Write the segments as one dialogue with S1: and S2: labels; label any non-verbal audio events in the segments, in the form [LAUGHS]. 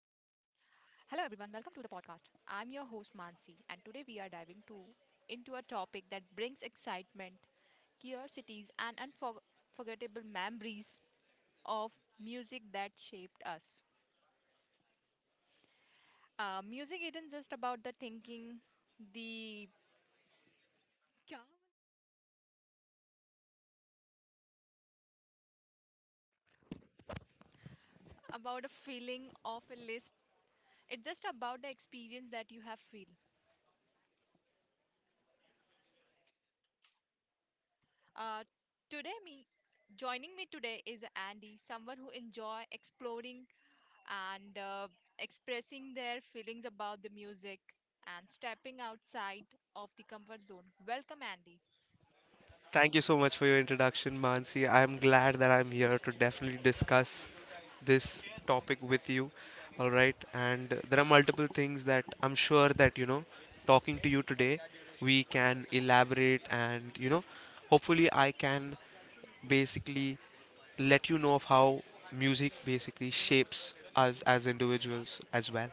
S1: Hello everyone, welcome to the podcast. I'm your host Mansi and today we are diving to into a topic that brings excitement, curiosities and unforgettable memories of music that shaped us. Music isn't just about the thinking, the क्या? About a feeling of a list. It's just about the experience that you have feel. Uh, today me Joining me today is Andy, someone who enjoy exploring and expressing their feelings about the music and stepping outside of the comfort zone. Welcome, Andy.
S2: Thank you so much for your introduction, Mansi. I'm glad that I'm here to definitely discuss this topic with you. All right, and there are multiple things that I'm sure that talking to you today, we can elaborate and hopefully, I can basically let you know of how music basically shapes us as individuals as well.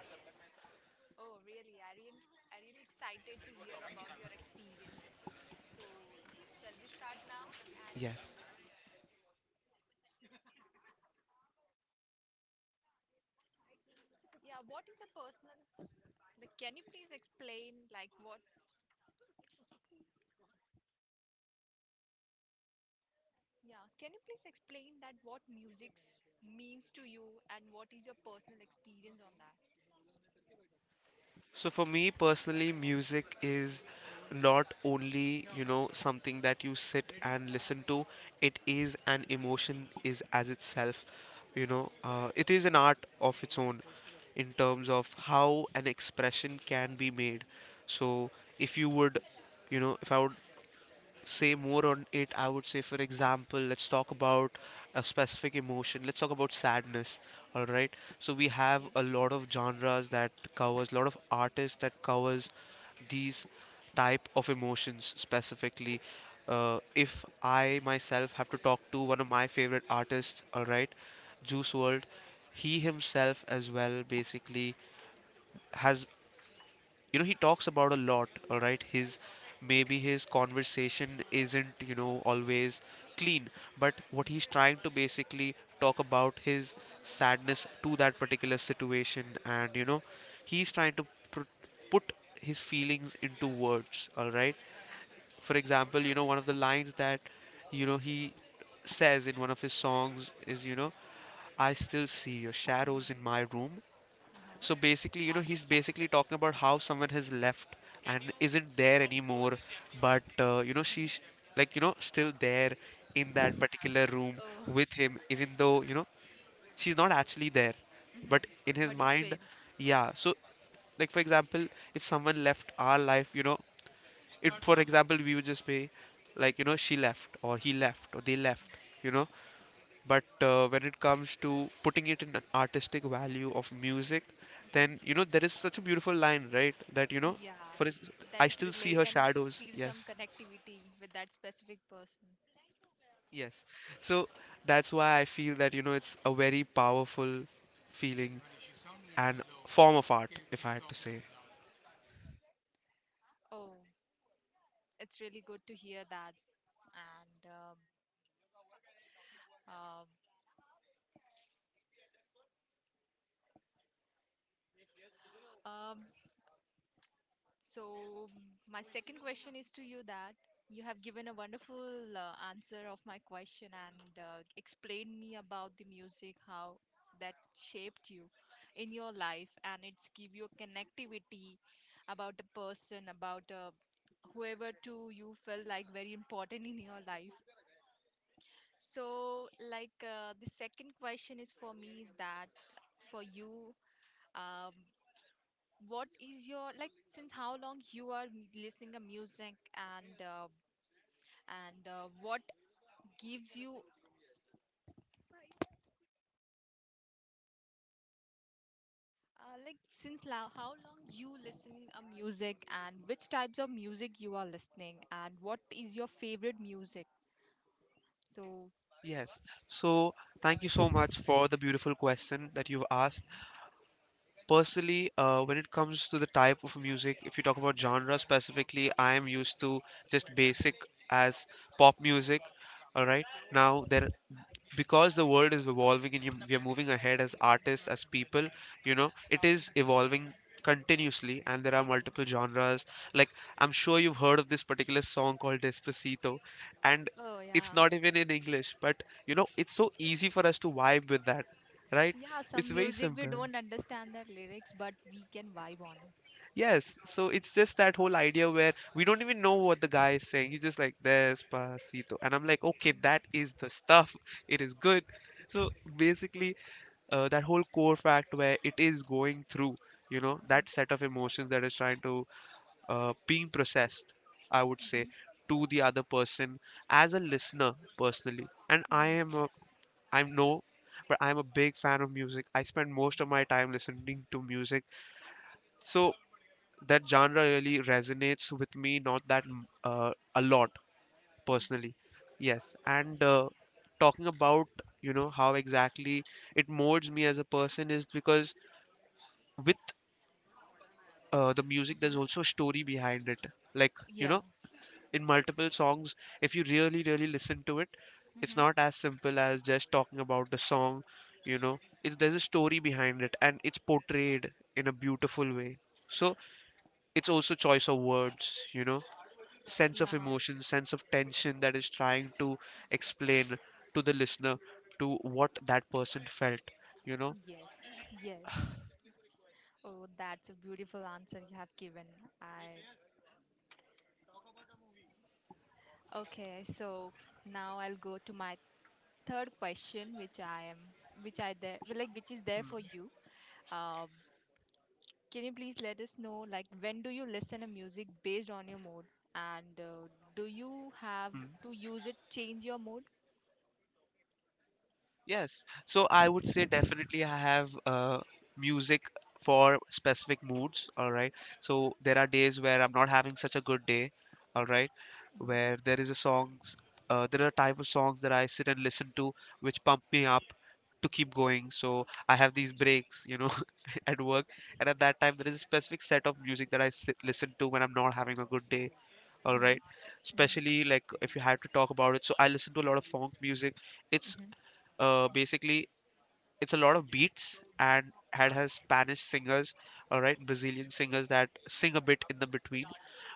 S1: Oh, really? I really excited to hear about your experience. So, shall we start now, Andy?
S2: Yes.
S1: Yeah, what is a personal? Like, can you please explain, like, what? Yeah, can you please explain that what music means to you and what is your personal experience on that?
S2: So for me personally, music is not only, something that you sit and listen to. It is an emotion is as itself, it is an art of its own in terms of how an expression can be made. So if you would, you know, if I would say more on it, I would say, for example, let's talk about a specific emotion. Let's talk about sadness. All right. So we have
S1: Okay.
S2: a lot of genres that covers, a lot of artists that covers these type of emotions specifically. If I myself have to talk to one of my favorite artists, all right, Juice World. He himself as well basically has you know he talks about a lot. All right, his maybe his conversation isn't always clean, but what he's
S1: Mm-hmm.
S2: trying to basically talk about his sadness to that particular situation. And he's trying to pr- put his feelings into words. All right, for example, one of the lines that he says in one of his songs is, "I still see your shadows in
S1: Mm-hmm.
S2: my room." So
S1: Uh-huh.
S2: basically, he's basically talking about how someone has left and isn't there anymore, but
S1: Mm-hmm.
S2: she's like, still there in that particular room
S1: Oh,
S2: with him, even though, she's not actually there.
S1: hmm.
S2: But in his
S1: But you
S2: mind,
S1: fail.
S2: yeah. So, like, for example, if someone left our life, it, for example, we would just say, like, she left or he left or they left. you know but when it comes to putting it in an artistic value of music, then
S1: Hmm.
S2: there is such a beautiful line, right, that
S1: Yeah,
S2: for ins-
S1: that
S2: "I
S1: is
S2: still see
S1: relate
S2: her
S1: and
S2: shadows."
S1: feel some
S2: Yes.
S1: connectivity with that specific person.
S2: Yes. So that's why I feel that it's a very powerful feeling and form of art, if I had to say.
S1: Oh, it's really good to hear that. And um, um, so, my second question is to you that you have given a wonderful answer of my question and explained me about the music, how that shaped you in your life, and it's give you a connectivity about a person, about a whoever to you felt like very important in your life. So, like, the second question is for me is that for you, um, what is your like since how long you are listening to music and what gives you like how long you listening a music and which types of music you are listening and what is your favorite music? So,
S2: Yes. So thank you so much for the beautiful question that you've asked. Personally, when it comes to the type of music, if you talk about genre specifically, I am used to just basic as pop music. All right. Now there because the world is evolving and we are moving ahead as artists, as people, it is evolving continuously, and there are multiple
S1: yes.
S2: genres. Like, I'm sure you've heard of this particular song called Despacito. And
S1: Oh
S2: it's
S1: yeah.
S2: not even in English, but it's so easy for us to vibe with that, right?
S1: Yeah,
S2: It's
S1: some
S2: very
S1: music we
S2: simple.
S1: don't understand the lyrics, but we can vibe on it.
S2: Yes, so it's just that whole idea where we don't even know what the guy is saying. He's just like, "Despacito," and I'm like, okay,
S1: Mm.
S2: that is the stuff. It is good. So basically, that whole core fact where it is going through,
S1: Mhm,
S2: that set of emotions that is trying to being processed, I would say,
S1: mhm,
S2: to the other person as a listener personally. And I
S1: mhm,
S2: am, a, I'm no, but I'm a big fan of music. I spend most of my time listening to music. So that genre really resonates with me not that a lot
S1: mhm,
S2: personally. Yes. And talking about how exactly it molds me as a person is because with the music, there's
S1: mhm.
S2: also a story behind it. Like, you
S1: Yeah.
S2: know in multiple songs, if you really really listen to it, it's
S1: Mhm.
S2: not as simple as just talking about the song. you know it's there's a story behind it, and it's portrayed in a beautiful way. So it's also choice of words, sense
S1: Yeah.
S2: of emotion, sense of tension, that is trying to explain to the listener to what that person felt, you know.
S1: Yes. Yes. Oh, that's a beautiful answer you have given. I Okay. So now I'll go to my third question, which I am, which I there, well, like, which is there for you. Uh, Can you please let us know, like, when do you listen to music based on your mood, and do you have
S2: Mm.
S1: to use it change your mood?
S2: Yes, so I would say definitely I have music for specific moods. All right, so there are days where I'm not having such a good day. All right,
S1: Mm-hmm.
S2: where there is a songs, there are type of songs that I sit and listen to which pump me up to keep going. So I have these breaks, [LAUGHS] at work, and at that time there is a specific set of music that I sit, listen to when I'm not having a good day. All right,
S1: Mm-hmm.
S2: especially like if you had to talk about it. So I listen to a lot of funk music. It's
S1: Mm-hmm.
S2: Basically, it's a lot of beats and had has Spanish singers, all right, Brazilian singers that sing a bit in the between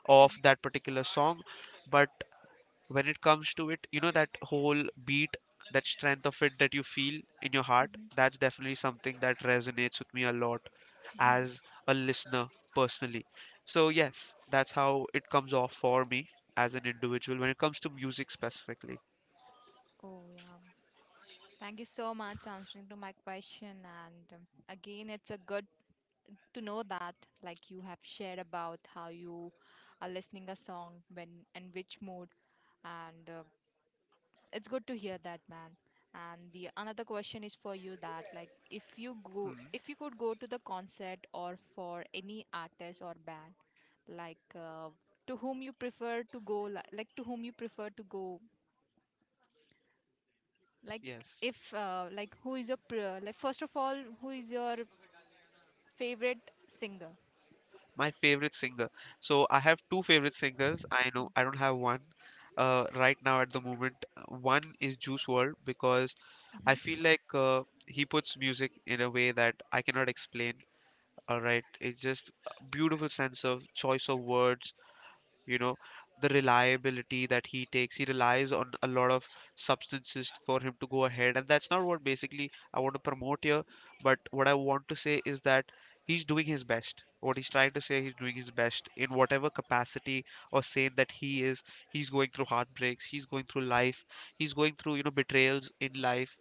S2: of that particular song. But when it comes to it, that whole beat, that strength of it that you feel in your heart,
S1: Mm-hmm.
S2: that's definitely something that resonates with me a lot
S1: Mm-hmm.
S2: as a listener personally. So yes, that's how it comes off for me as an individual when it comes to music specifically.
S1: Oh yeah. Thank you so much answering to my question. And again, it's a good to know that, like, you have shared about how you are listening a song when and which mood, and it's good to hear that man and the another question is for you that like if you could go to the concert or for any artist or band like to whom you prefer to go li- like to whom you prefer to go like
S2: Yes.
S1: if like who is your pre- like first of all who is your favorite singer.
S2: My favorite singer. So I have two favorite singers. I know I don't have one right now at the moment. One is Juice World because I
S1: Hmm,
S2: feel like he puts music in a way that I cannot explain. All right, it's just a beautiful sense of choice of words, you know the reliability that he relies on a lot of substances for him to go ahead. And that's not what basically I want to promote here, but what I want to say is that he's doing his best. What he's trying to say, he's doing his best in whatever capacity, or saying that he's going through heartbreaks, he's going through life, he's going through betrayals in life.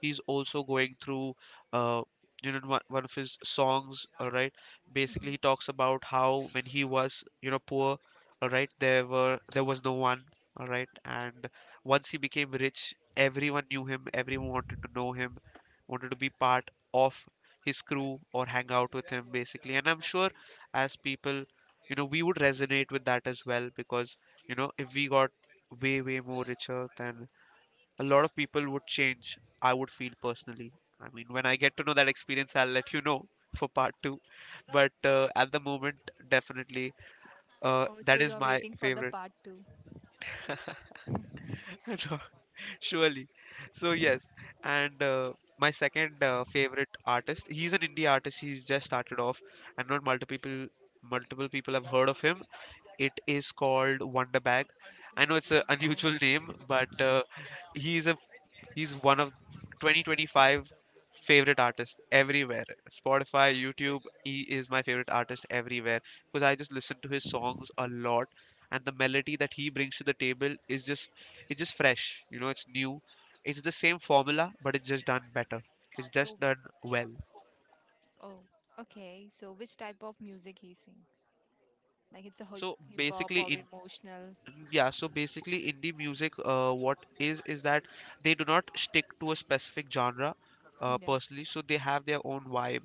S2: He's also going through uh, one of his songs. All right, basically he
S1: hmm.
S2: talks about how when he was poor. All right, there was no one. All right, and once he became rich, everyone knew him, everyone wanted to know him, wanted to be part of his crew or hang out with him basically. And I'm sure, as people, we would resonate with that as well because if we got way way more richer, then a lot of people would change, I would feel personally. I mean, when I get to know that experience, I'll let you know [LAUGHS] for part two. But at the moment, definitely,
S1: Oh so
S2: that
S1: you
S2: is
S1: are
S2: my
S1: waiting for the
S2: favorite.
S1: part 2?
S2: [LAUGHS] Surely. So, yes. And my second favorite artist, he's an indie artist. He's just started off, and not multiple people. Multiple people have heard of him. It is called Wonderbag. I know it's an [LAUGHS]
S1: Oh,
S2: unusual name, but he's a he's one of 2025 favorite artists everywhere. Spotify, YouTube, he is my favorite artist everywhere because I just listen to his songs a lot, and the melody that he brings to the table is just it's just fresh. It's new. It's the same formula, but it's just done better. It's just
S1: so
S2: done well.
S1: oh, okay, so which type of music he sings? Like it's a
S2: So
S1: hip hop
S2: basically
S1: or
S2: in
S1: emotional.
S2: Yeah, so basically indie music, what is that they do not stick to a specific genre
S1: Mm, yeah.
S2: personally, so they have their own vibe.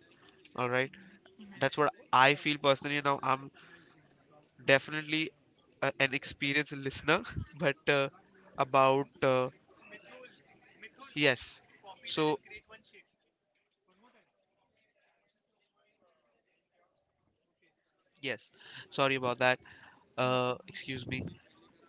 S2: All right.
S1: Hmm, hmm.
S2: That's what I feel personally. Now, I'm definitely an experienced listener, [LAUGHS] but about yes. So, yes. Sorry about that.
S1: No problem.
S2: Excuse me.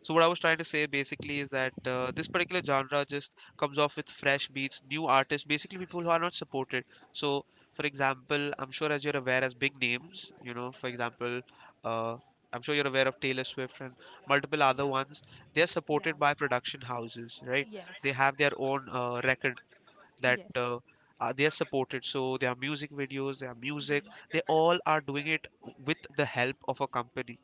S2: So what I was trying to say basically is that this particular genre just comes off with fresh beats, new artists, basically people who are not supported. So for example, I'm sure as you're aware, as big names, for example, uh, I'm sure you're aware of Taylor Swift and multiple other
S1: Yeah.
S2: ones. They're
S1: Yeah.
S2: supported by production houses, right? They
S1: Yes.
S2: have their own record that
S1: Yes.
S2: they are supported. So their music videos, their music,
S1: Hmm,
S2: they all are doing it with the help of a company.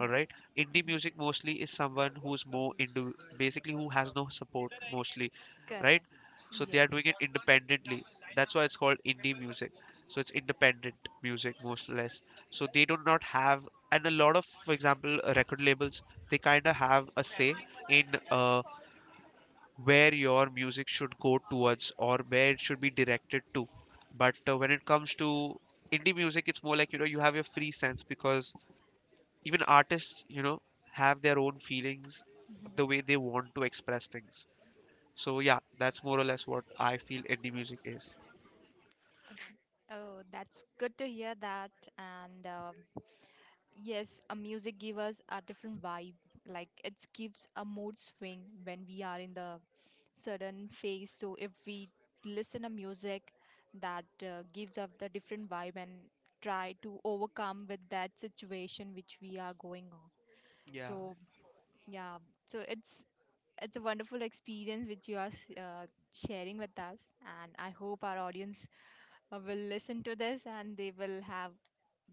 S2: All right, indie
S1: hmm.
S2: music mostly is someone who's more into, basically, who has no support mostly, right?
S1: Correct.
S2: So they are doing
S1: Yes.
S2: it independently. That's why it's called indie music. So it's independent music, most or less. So they do not have, and a lot of, for example, record labels, they kind of have a say in, uh, where your music should go towards or where it should be directed to. But when it comes to indie music, it's more like, you have your free sense because even artists, have their own feelings,
S1: Hmm.
S2: the way they want to express things. So yeah, that's more or less what I feel indie music is.
S1: Okay. Oh, that's good to hear that. And yes, a music give us a different vibe. Like it gives a mood swing when we are in the certain phase. So if we listen a music that gives us the different vibe and try to overcome with that situation which we are going on.
S2: Yeah,
S1: So yeah, so it's a wonderful experience which you are sharing with us, and I hope our audience will listen to this and they will have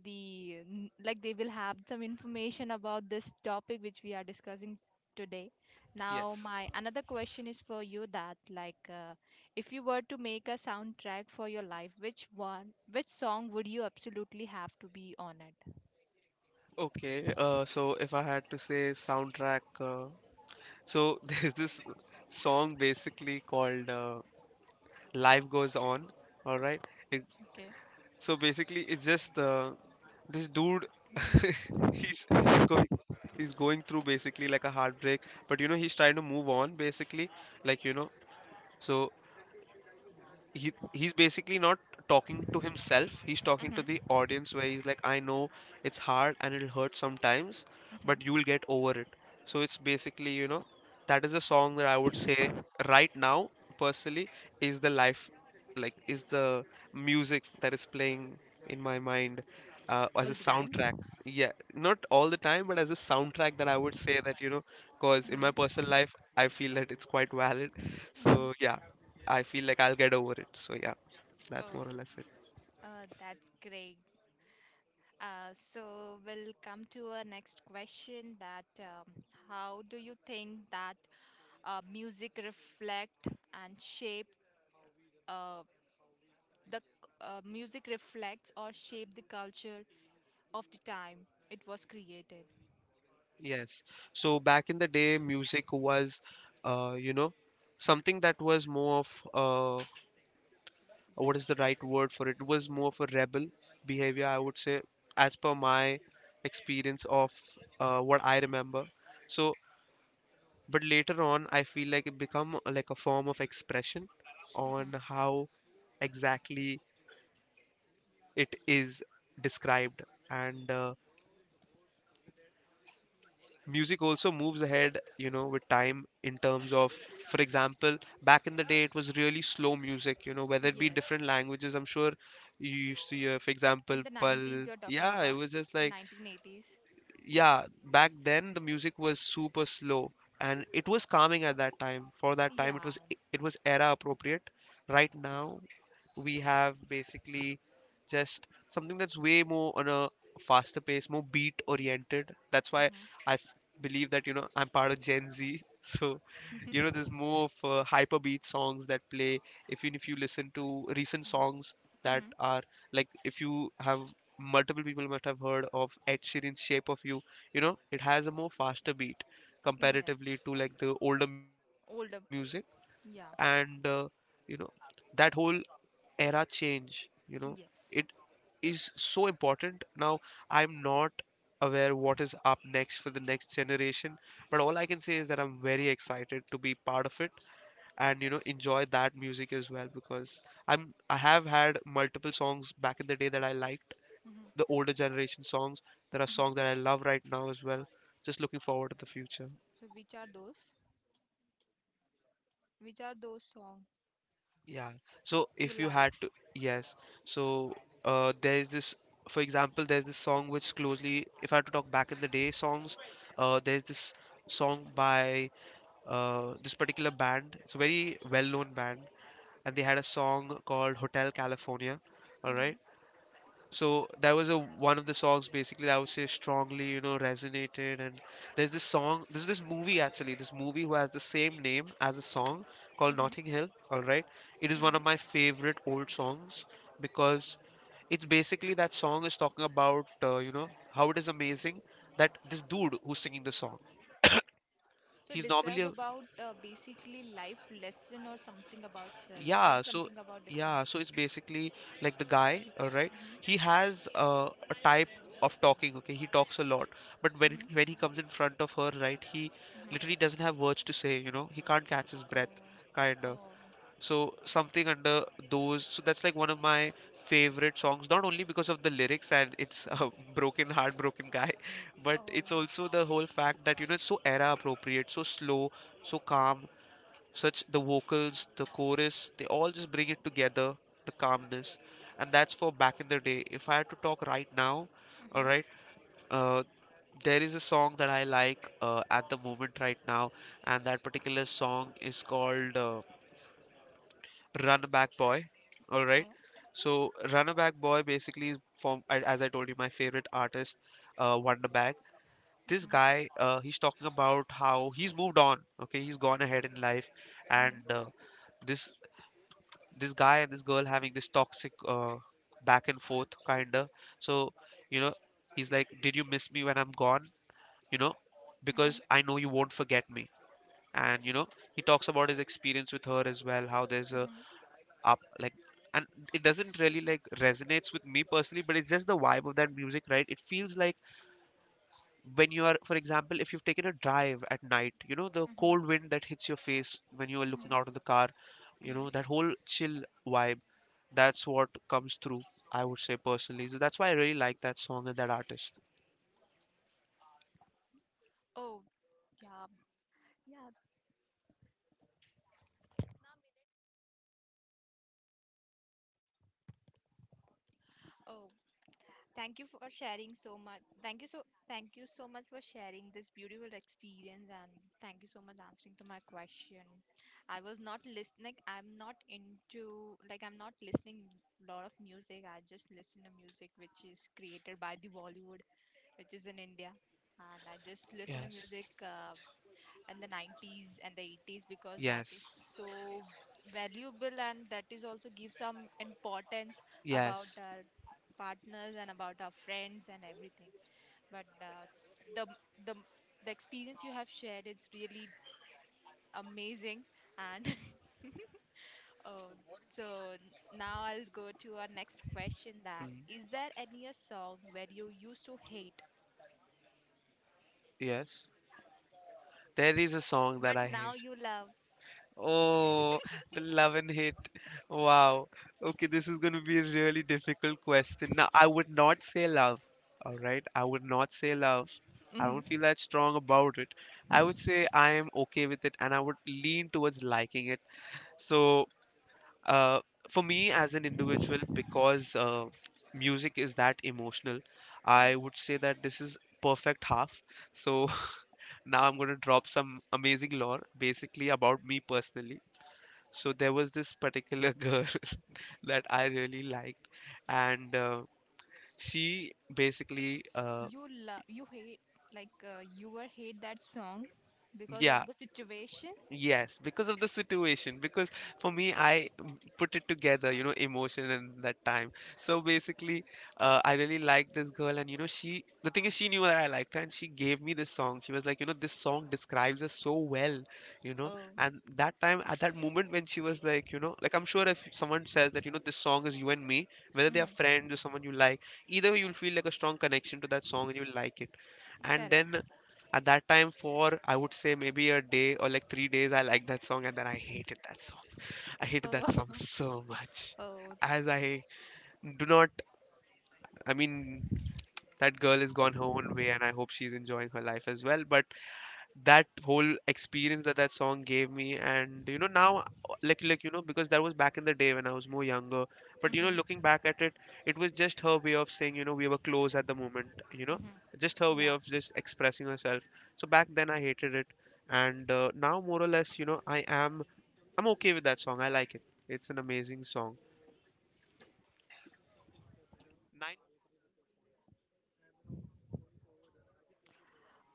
S1: like they will have some information about this topic which we are discussing today. Now,
S2: yes.
S1: my another question is for you that like if you were to make a soundtrack for your life, which song would you absolutely have to be on it?
S2: Okay, so if I had to say soundtrack, so [LAUGHS] there's this song basically called Life Goes On, all right? It,
S1: Okay.
S2: so basically, it's just this dude, [LAUGHS] he's he's going he's going through basically like a heartbreak, but you know he's trying to move on basically, like you know. So he's basically not talking to himself. He's talking to
S1: Mm-hmm.
S2: the audience where he's like, I know it's hard and it'll hurt sometimes,
S1: Mm-hmm.
S2: but you'll get over it. So it's basically, you know, that is a song that I would say right now, personally, is the life, like is the music that is playing in my mind as a
S1: All the
S2: soundtrack.
S1: time.
S2: Yeah, not all the time, but as a soundtrack that I would say that, you know, because in my
S1: Uh-huh.
S2: personal life, I feel that it's quite valid.
S1: Mhm.
S2: So yeah. I feel like I'll get over it. So yeah, that's more or
S1: Oh,
S2: less it.
S1: That's great. So we'll come to our next question that how do you think that music reflect and shape uh, the music reflects or shape the culture of the time it was created?
S2: Yes. So back in the day, music was, you know, something that was more of uh, what is the right word for it? It was more of a rebel behavior, I would say, as per my experience of what I remember. So, but later on, I feel like it become like a form of expression on
S1: Hmm.
S2: how exactly it is described and. Music also moves ahead, you know, with time in terms of, for example, back in the day it was really slow music, you know, whether it be
S1: Yes.
S2: different languages, I'm sure you used to hear, for
S1: In
S2: example,
S1: the
S2: pal,
S1: 90s, you're talking
S2: yeah, it
S1: about
S2: was just like,
S1: 1980s.
S2: yeah, back then the music was super slow and it was calming at that time. For that time it
S1: Yeah.
S2: was, it was era appropriate. Right now we have basically just something that's way more on a faster pace, more beat oriented. That's why
S1: Hmm,
S2: I f- believe that you know I'm part of Gen Z, [LAUGHS] so you know there's more of hyper beat songs that play. Even if you listen to recent songs that
S1: hmm.
S2: are like, if you have multiple, people must have heard of Ed Sheeran's Shape of You, you know it has a more faster beat
S1: Yes.
S2: comparatively to like the older music,
S1: Older.
S2: and
S1: Yeah.
S2: you know that whole era change, you know it
S1: Yes.
S2: is so important. Now I'm not aware what is up next for the next generation, but all I can say is that I'm very excited to be part of it and you know enjoy that music as well, because I have had multiple songs back in the day that I liked, the
S1: Hmm,
S2: older generation songs. There are
S1: hmm.
S2: songs that I love right now as well, just looking forward to the future.
S1: So which are those? Which are those songs
S2: Yeah. So
S1: you
S2: if you
S1: like?
S2: had to, yes. So there's this, for example, there's this song which closely, if I had to talk back in the day songs, there's this song by this particular band. It's a very well-known band, and they had a song called Hotel California. All
S1: Mm-hmm.
S2: right, so that was a one of the songs basically that I would say strongly you know resonated. And there's this song, there's this movie, actually this movie who has the same name as a song, called
S1: Mm-hmm.
S2: Notting Hill, all right. It is one of my
S1: Mm-hmm.
S2: favorite old songs because it's basically, that song is talking about, you know, how it is amazing that this dude who's singing the song,
S1: So
S2: he's normally
S1: describe
S2: a,
S1: about basically life lesson or something about self, like
S2: yeah, so
S1: something about different.
S2: yeah, so it's basically like the guy, all right.
S1: Mm-hmm.
S2: He has a type of talking. Okay, he talks a lot, but when
S1: Mm-hmm.
S2: when he comes in front of her, right, he literally
S1: Mm-hmm.
S2: doesn't have words to say. You know, he can't catch his breath,
S1: Oh,
S2: kind of.
S1: oh.
S2: So something under those. So that's like one of my favorite songs, not only because of the lyrics and it's
S1: Mm-hmm.
S2: a [LAUGHS] broken, heartbroken guy, [LAUGHS] but
S1: Oh.
S2: it's also the whole fact that you know it's so era appropriate, so slow, so calm. Such the vocals, the chorus, they all just bring it together, the calmness. And that's for back in the day. If I had to talk right now, all
S1: Mm-hmm.
S2: right, uh, there is a song that I like at the moment right now, and that particular song is called Run Back Boy, all right.
S1: Oh.
S2: So Run Back Boy basically is from as I told you, my favorite artist, Wonder Bag. This
S1: Mm-hmm.
S2: guy, he's talking about how he's moved on. Okay, he's gone ahead in life, and
S1: Mm-hmm.
S2: this, this guy and this girl having this toxic back and forth kinda. So, you know, he's like, "Did you miss me when I'm gone?" You know, because
S1: Mm-hmm.
S2: I know you won't forget me. And you know, he talks about his experience with her as well, how there's a
S1: Mm-hmm.
S2: up, like, and it doesn't
S1: It's
S2: really
S1: true.
S2: like resonates with me personally, but it's just the vibe of that music, right? It feels like when you are, for example, if you've taken a drive at night, you know, the cold
S1: Mm-hmm.
S2: wind that hits your face when you are looking
S1: Mm-hmm.
S2: out of the car, you know, that
S1: Mm-hmm.
S2: whole chill vibe, that's what comes through, I would say personally. So that's why I really like that song and that artist.
S1: Oh yeah, yeah. Oh, thank you for sharing so much. Thank you so much for sharing this beautiful experience and thank you so much answering to my question. I was not listening. I'm not into like I'm not listening lot of music. I just listen to music which is created by the Bollywood, which is in India, and I just listen to
S2: Yes.
S1: music. And the 90s and the 80s because that is
S2: Yes.
S1: so valuable and that is also give some importance about
S2: Yes.
S1: our partners and about our friends and everything but the the the experience you have shared is really amazing and [LAUGHS] uh, so now I'll go to our next question that
S2: Mm,
S1: is there any a song where you used to hate
S2: yes, there is a song that
S1: but
S2: I
S1: now
S2: hate.
S1: you love?
S2: Oh, the love and hate, wow. Okay, this is going to be a really difficult question. Now I would not say love, all right, I would not say love. I
S1: Hmm.
S2: don't feel that strong about it. I would say I am okay with it and I would lean towards liking it. So uh, for me as an individual, because music is that emotional, I would say that this is Perfect Half. So [LAUGHS] now I'm going to drop some amazing lore basically about me personally. So there was this particular girl [LAUGHS] that I really liked, and she basically
S1: You love you hate, like, you were hate that song because
S2: yeah.
S1: of the situation?
S2: Yes, because of the situation. Because for me, put it together, you know, emotion and that time. So basically, I really liked this girl, and you know, she, the thing is, she knew that I liked her, and she gave me this song. She was like, you know, this song describes us so well, you know.
S1: Oh.
S2: And that time, at that moment, when she was like, you know, like I'm sure if someone says that, you know, this song is you and me, whether they are
S1: Mm-hmm.
S2: friends or someone you like, either way, you'll feel like a strong connection to that song and you'll like it. And
S1: Correct.
S2: then at that time, for I would say maybe a day or like three days, I liked that song and then I hated that song. I hated that
S1: Oh.
S2: song
S1: [LAUGHS]
S2: so much.
S1: Oh.
S2: As I do not, I mean, that girl has gone her own way and I hope she's enjoying her life as well. But that whole experience that that song gave me, and you know now, like you know, because that was back in the day when I was more younger, but you know
S1: Mm-hmm.
S2: looking back at it, it was just her way of saying, you know, we were close at the moment, you know,
S1: Mm-hmm.
S2: just her way
S1: Yeah.
S2: of just expressing herself. So back then I hated it, and now more or less you know I am, I'm okay with that song, I like it, it's an amazing song. Nine,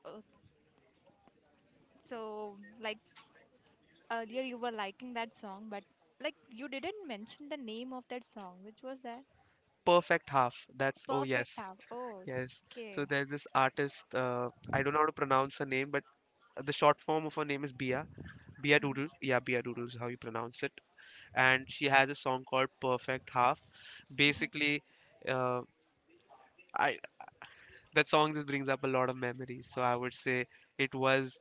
S1: Uh, so, like, earlier you were liking that song but like you didn't mention the name of that song. Which was that?
S2: Perfect Half, that's, oh
S1: Perfect
S2: yes,
S1: hour? Oh,
S2: yes. So
S1: okay.
S2: there's this artist, I don't know how to pronounce her name, but the short form of her name is Bia, Bia
S1: Hmm,
S2: Doodles, yeah, Bia Doodles, is how you pronounce it. And she has a song called Perfect Half.
S1: hmm.
S2: Basically, uh, I that song just brings up a lot of memories. So I would say it was,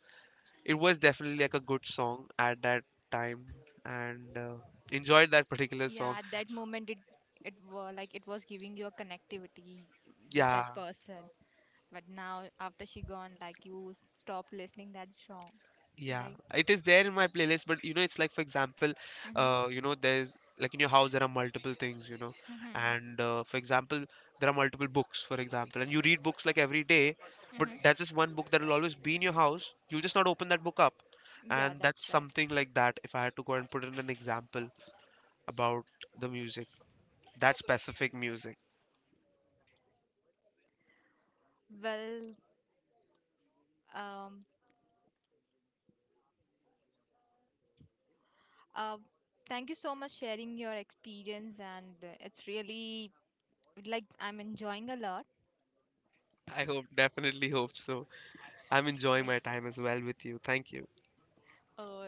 S2: it was definitely like a good song at that time, and enjoyed that particular
S1: Yeah,
S2: song.
S1: at that moment it it were like it was giving you a connectivity with
S2: Yeah,
S1: that person. But now after she gone, like you stop listening that song,
S2: yeah,
S1: like.
S2: it is there in my playlist, but you know, it's like, for example,
S1: Mm-hmm.
S2: you know, there's like in your house there are multiple things, you know,
S1: Mm-hmm.
S2: and for example, there are multiple books, for example, and you read books like every day, but
S1: Mm-hmm.
S2: that's just one book that will always be in your house. You'll just not open that book up,
S1: Yeah,
S2: and that's
S1: that's right.
S2: something like that. If I had to go and put in an example about the music, that specific music.
S1: Well, um, uh, thank you so much sharing your experience, and it's really like I'm enjoying a lot.
S2: I hope, definitely hope so. I'm enjoying
S1: Like,
S2: my time as well with you. Thank you.
S1: uh,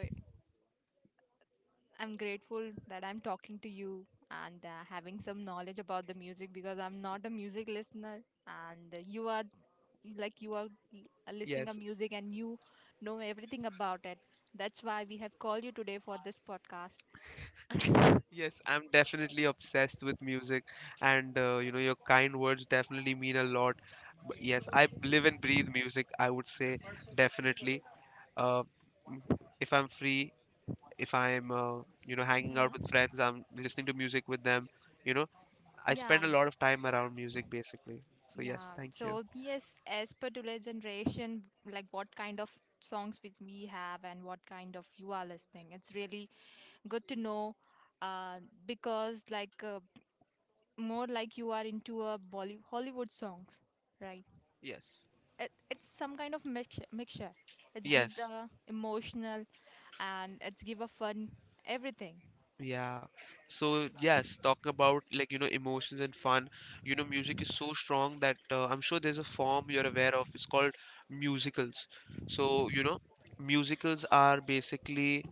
S1: I'm grateful that I'm talking to you and having some knowledge about the music because I'm not a music listener and you are like you are l- listening a
S2: Yes.
S1: music and you know everything about it. That's why we have called you today for this podcast.
S2: Yes, I'm definitely obsessed with music, and you know, your kind words definitely mean a lot. But yes, I live and breathe music, I would say, definitely. Uh, m- if I'm free, if I'm, you know, hanging out with
S1: Hmm.
S2: friends, I'm listening to music with them. You know, I
S1: Yeah,
S2: spend a lot of time around music, basically. So, yes,
S1: yeah.
S2: thank you.
S1: So yes, as per today's generation, like what kind of songs which we have and what kind of you are listening. It's really good to know, uh, because like more like you are into a Hollywood songs, right?
S2: Yes,
S1: It's some kind of mixture. It gives
S2: yes.
S1: a emotional and it's give a fun everything.
S2: Yeah. So yes, talking about like you know emotions and fun. You know, music is so strong that I'm sure there's a form you're aware of. It's called musicals. So you know, musicals are basically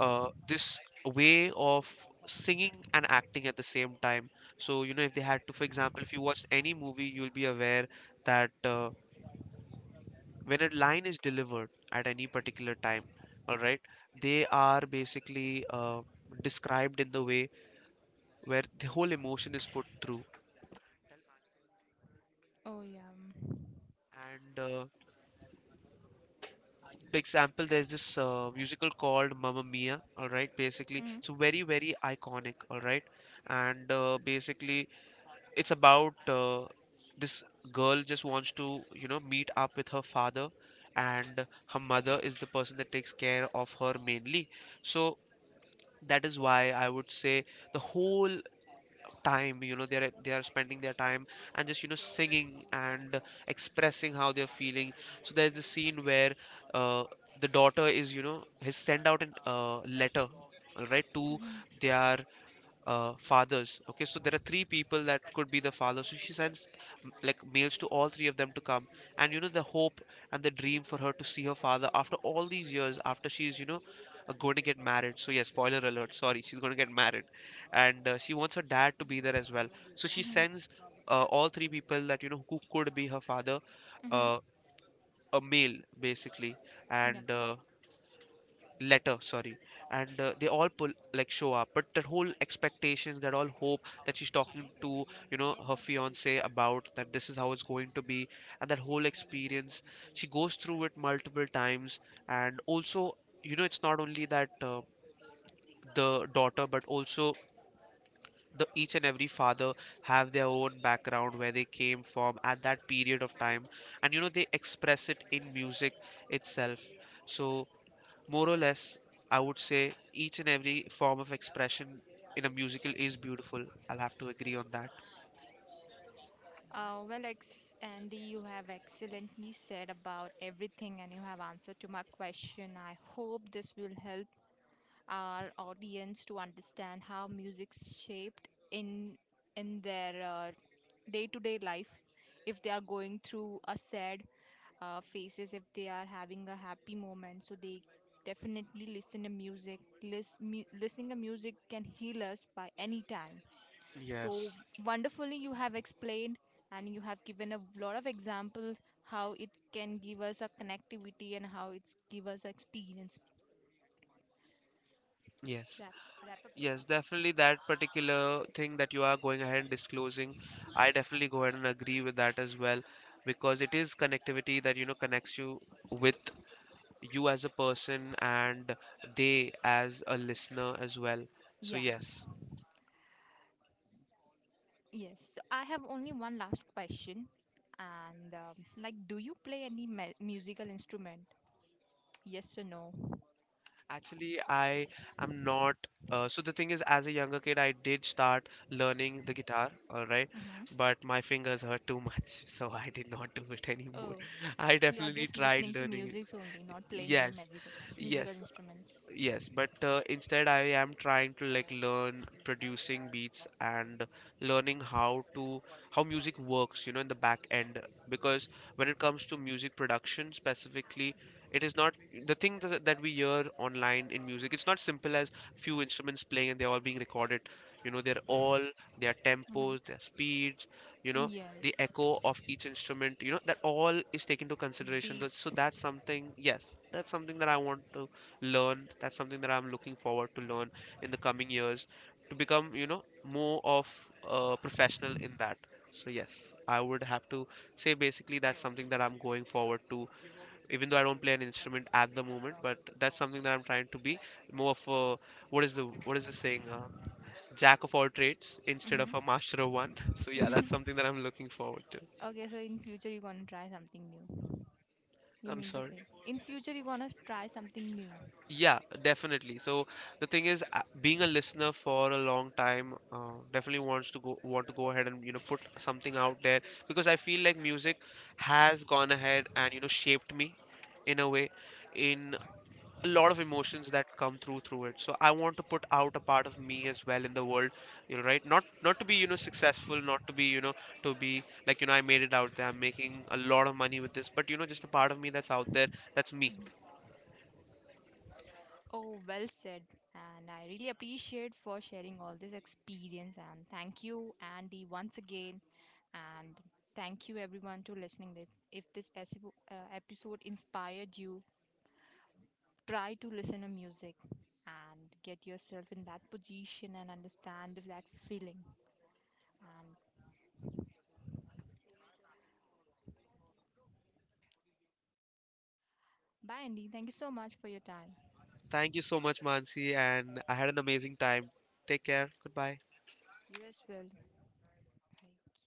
S2: this way of singing and acting at the same time. So you know, if they had to, for example, if you watch any movie, you'll be aware that when a line is delivered at any particular time, all right, they are basically described in the way where the whole emotion is put through.
S1: Oh yeah.
S2: And For example, there's this musical called Mamma Mia, all right, basically.
S1: Mm-hmm.
S2: So very, very iconic, all right. And Basically, it's about this girl just wants to, you know, meet up with her father, and her mother is the person that takes care of her mainly. So that is why I would say the whole time you know they are spending their time and just you know singing and expressing how they're feeling. So there's this scene where uh, the daughter is you know has sent out a letter all right to
S1: Mm-hmm.
S2: their fathers. Okay, so there are three people that could be the father. So she sends like mails to all three of them to come, and you know the hope and the dream for her to see her father after all these years, after she's you know going to get married. So yeah, spoiler alert. Sorry, she's going to get married, and she wants her dad to be there as well. So she
S1: Mm-hmm.
S2: sends all three people that you know who could be her father,
S1: Mm-hmm.
S2: uh, a mail basically,
S1: Yeah.
S2: and letter sorry, and they all pull like show up, but that whole expectations that all hope that she's talking to you know her fiance about that this is how it's going to be, and that whole experience she goes through it multiple times. And also you know it's not only that the daughter but also the each and every father have their own background where they came from at that period of time, and you know they express it in music itself. So more or less, I would say each and every form of expression in a musical is beautiful. I'll have to agree on that.
S1: Andy, you have excellently said about everything and you have answered to my question. I hope this will help our audience to understand how music's shaped in their day-to-day life if they are going through a sad phases if they are having a happy moment so they definitely listen to music. Listening to music can heal us by any time so
S2: Yes.
S1: wonderfully you have explained and you have given a lot of examples how it can give us a connectivity and how it's give us experience.
S2: Yes.
S1: Wrap, wrap up. कर-
S2: Yes, definitely that particular thing that you are going ahead and disclosing, I definitely go ahead and agree with that as well because it is connectivity that you know connects you with you as a person and they as a listener as well. So
S1: yeah.
S2: yes.
S1: Yes, so I have only one last question. And like, do you play any musical instrument? Yes or no?
S2: Actually, I am not. So the thing is, as a younger kid, I did start learning the guitar, all right,
S1: Mm-hmm.
S2: but my fingers hurt too much, [LAUGHS] so I did not do it anymore.
S1: Oh,
S2: [LAUGHS] I
S1: so you are
S2: definitely
S1: just listening
S2: tried
S1: to
S2: learning it.
S1: musics only, not playing any
S2: Yes,
S1: musical
S2: yes.
S1: instruments.
S2: Yes, but instead I am trying to like learn producing beats and learning how to how music works, you know, in the back end. Because when it comes to music production specifically, it is not the thing that we hear online in music. It's not simple as few instruments playing and they're all being recorded. You know, they're all their
S1: Mm-hmm.
S2: tempos, their speeds, you know, the
S1: Yes,
S2: echo of each instrument. You know, that all is taken into consideration. So
S1: beats.
S2: that's something. Yes, that's something that I want to learn. That's something that I'm looking forward to learn in the coming years to become, you know, more of a professional in that. So yes, I would have to say basically that's something that I'm going forward to, even though I don't play an instrument at the moment, but that's something that I'm trying to be more of a what is the saying? Jack of all trades instead of
S1: Mm-hmm.
S2: a
S1: [LAUGHS]
S2: master of one. [LAUGHS] So yeah, that's
S1: Mm-hmm.
S2: something that I'm looking forward to.
S1: Okay, so in future you're gonna try something new. You
S2: I'm
S1: mean to
S2: sorry.
S1: say in future you're gonna try something new?
S2: Yeah, definitely. So the thing is, being a listener for a long time, definitely want to go ahead and you know put something out there because I feel like music has gone ahead and you know shaped me in a way in a lot of emotions that come through it. So I want to put out a part of me as well in the world, you know, right? Not to be you know successful, not to be you know to be like you know I made it out there. I'm making a lot of money with this, but you know just a part of me that's out there. That's me.
S1: Oh, well said. And I really appreciate for sharing all this experience and thank you Andy once again and thank you everyone to listening this. If this episode inspired you, try to listen to music and get yourself in that position and understand that feeling. And bye Andy, thank you so much for your time.
S2: Thank you so much, Mansi, and I had an amazing time. Take care. Goodbye.
S1: You as well. Bye.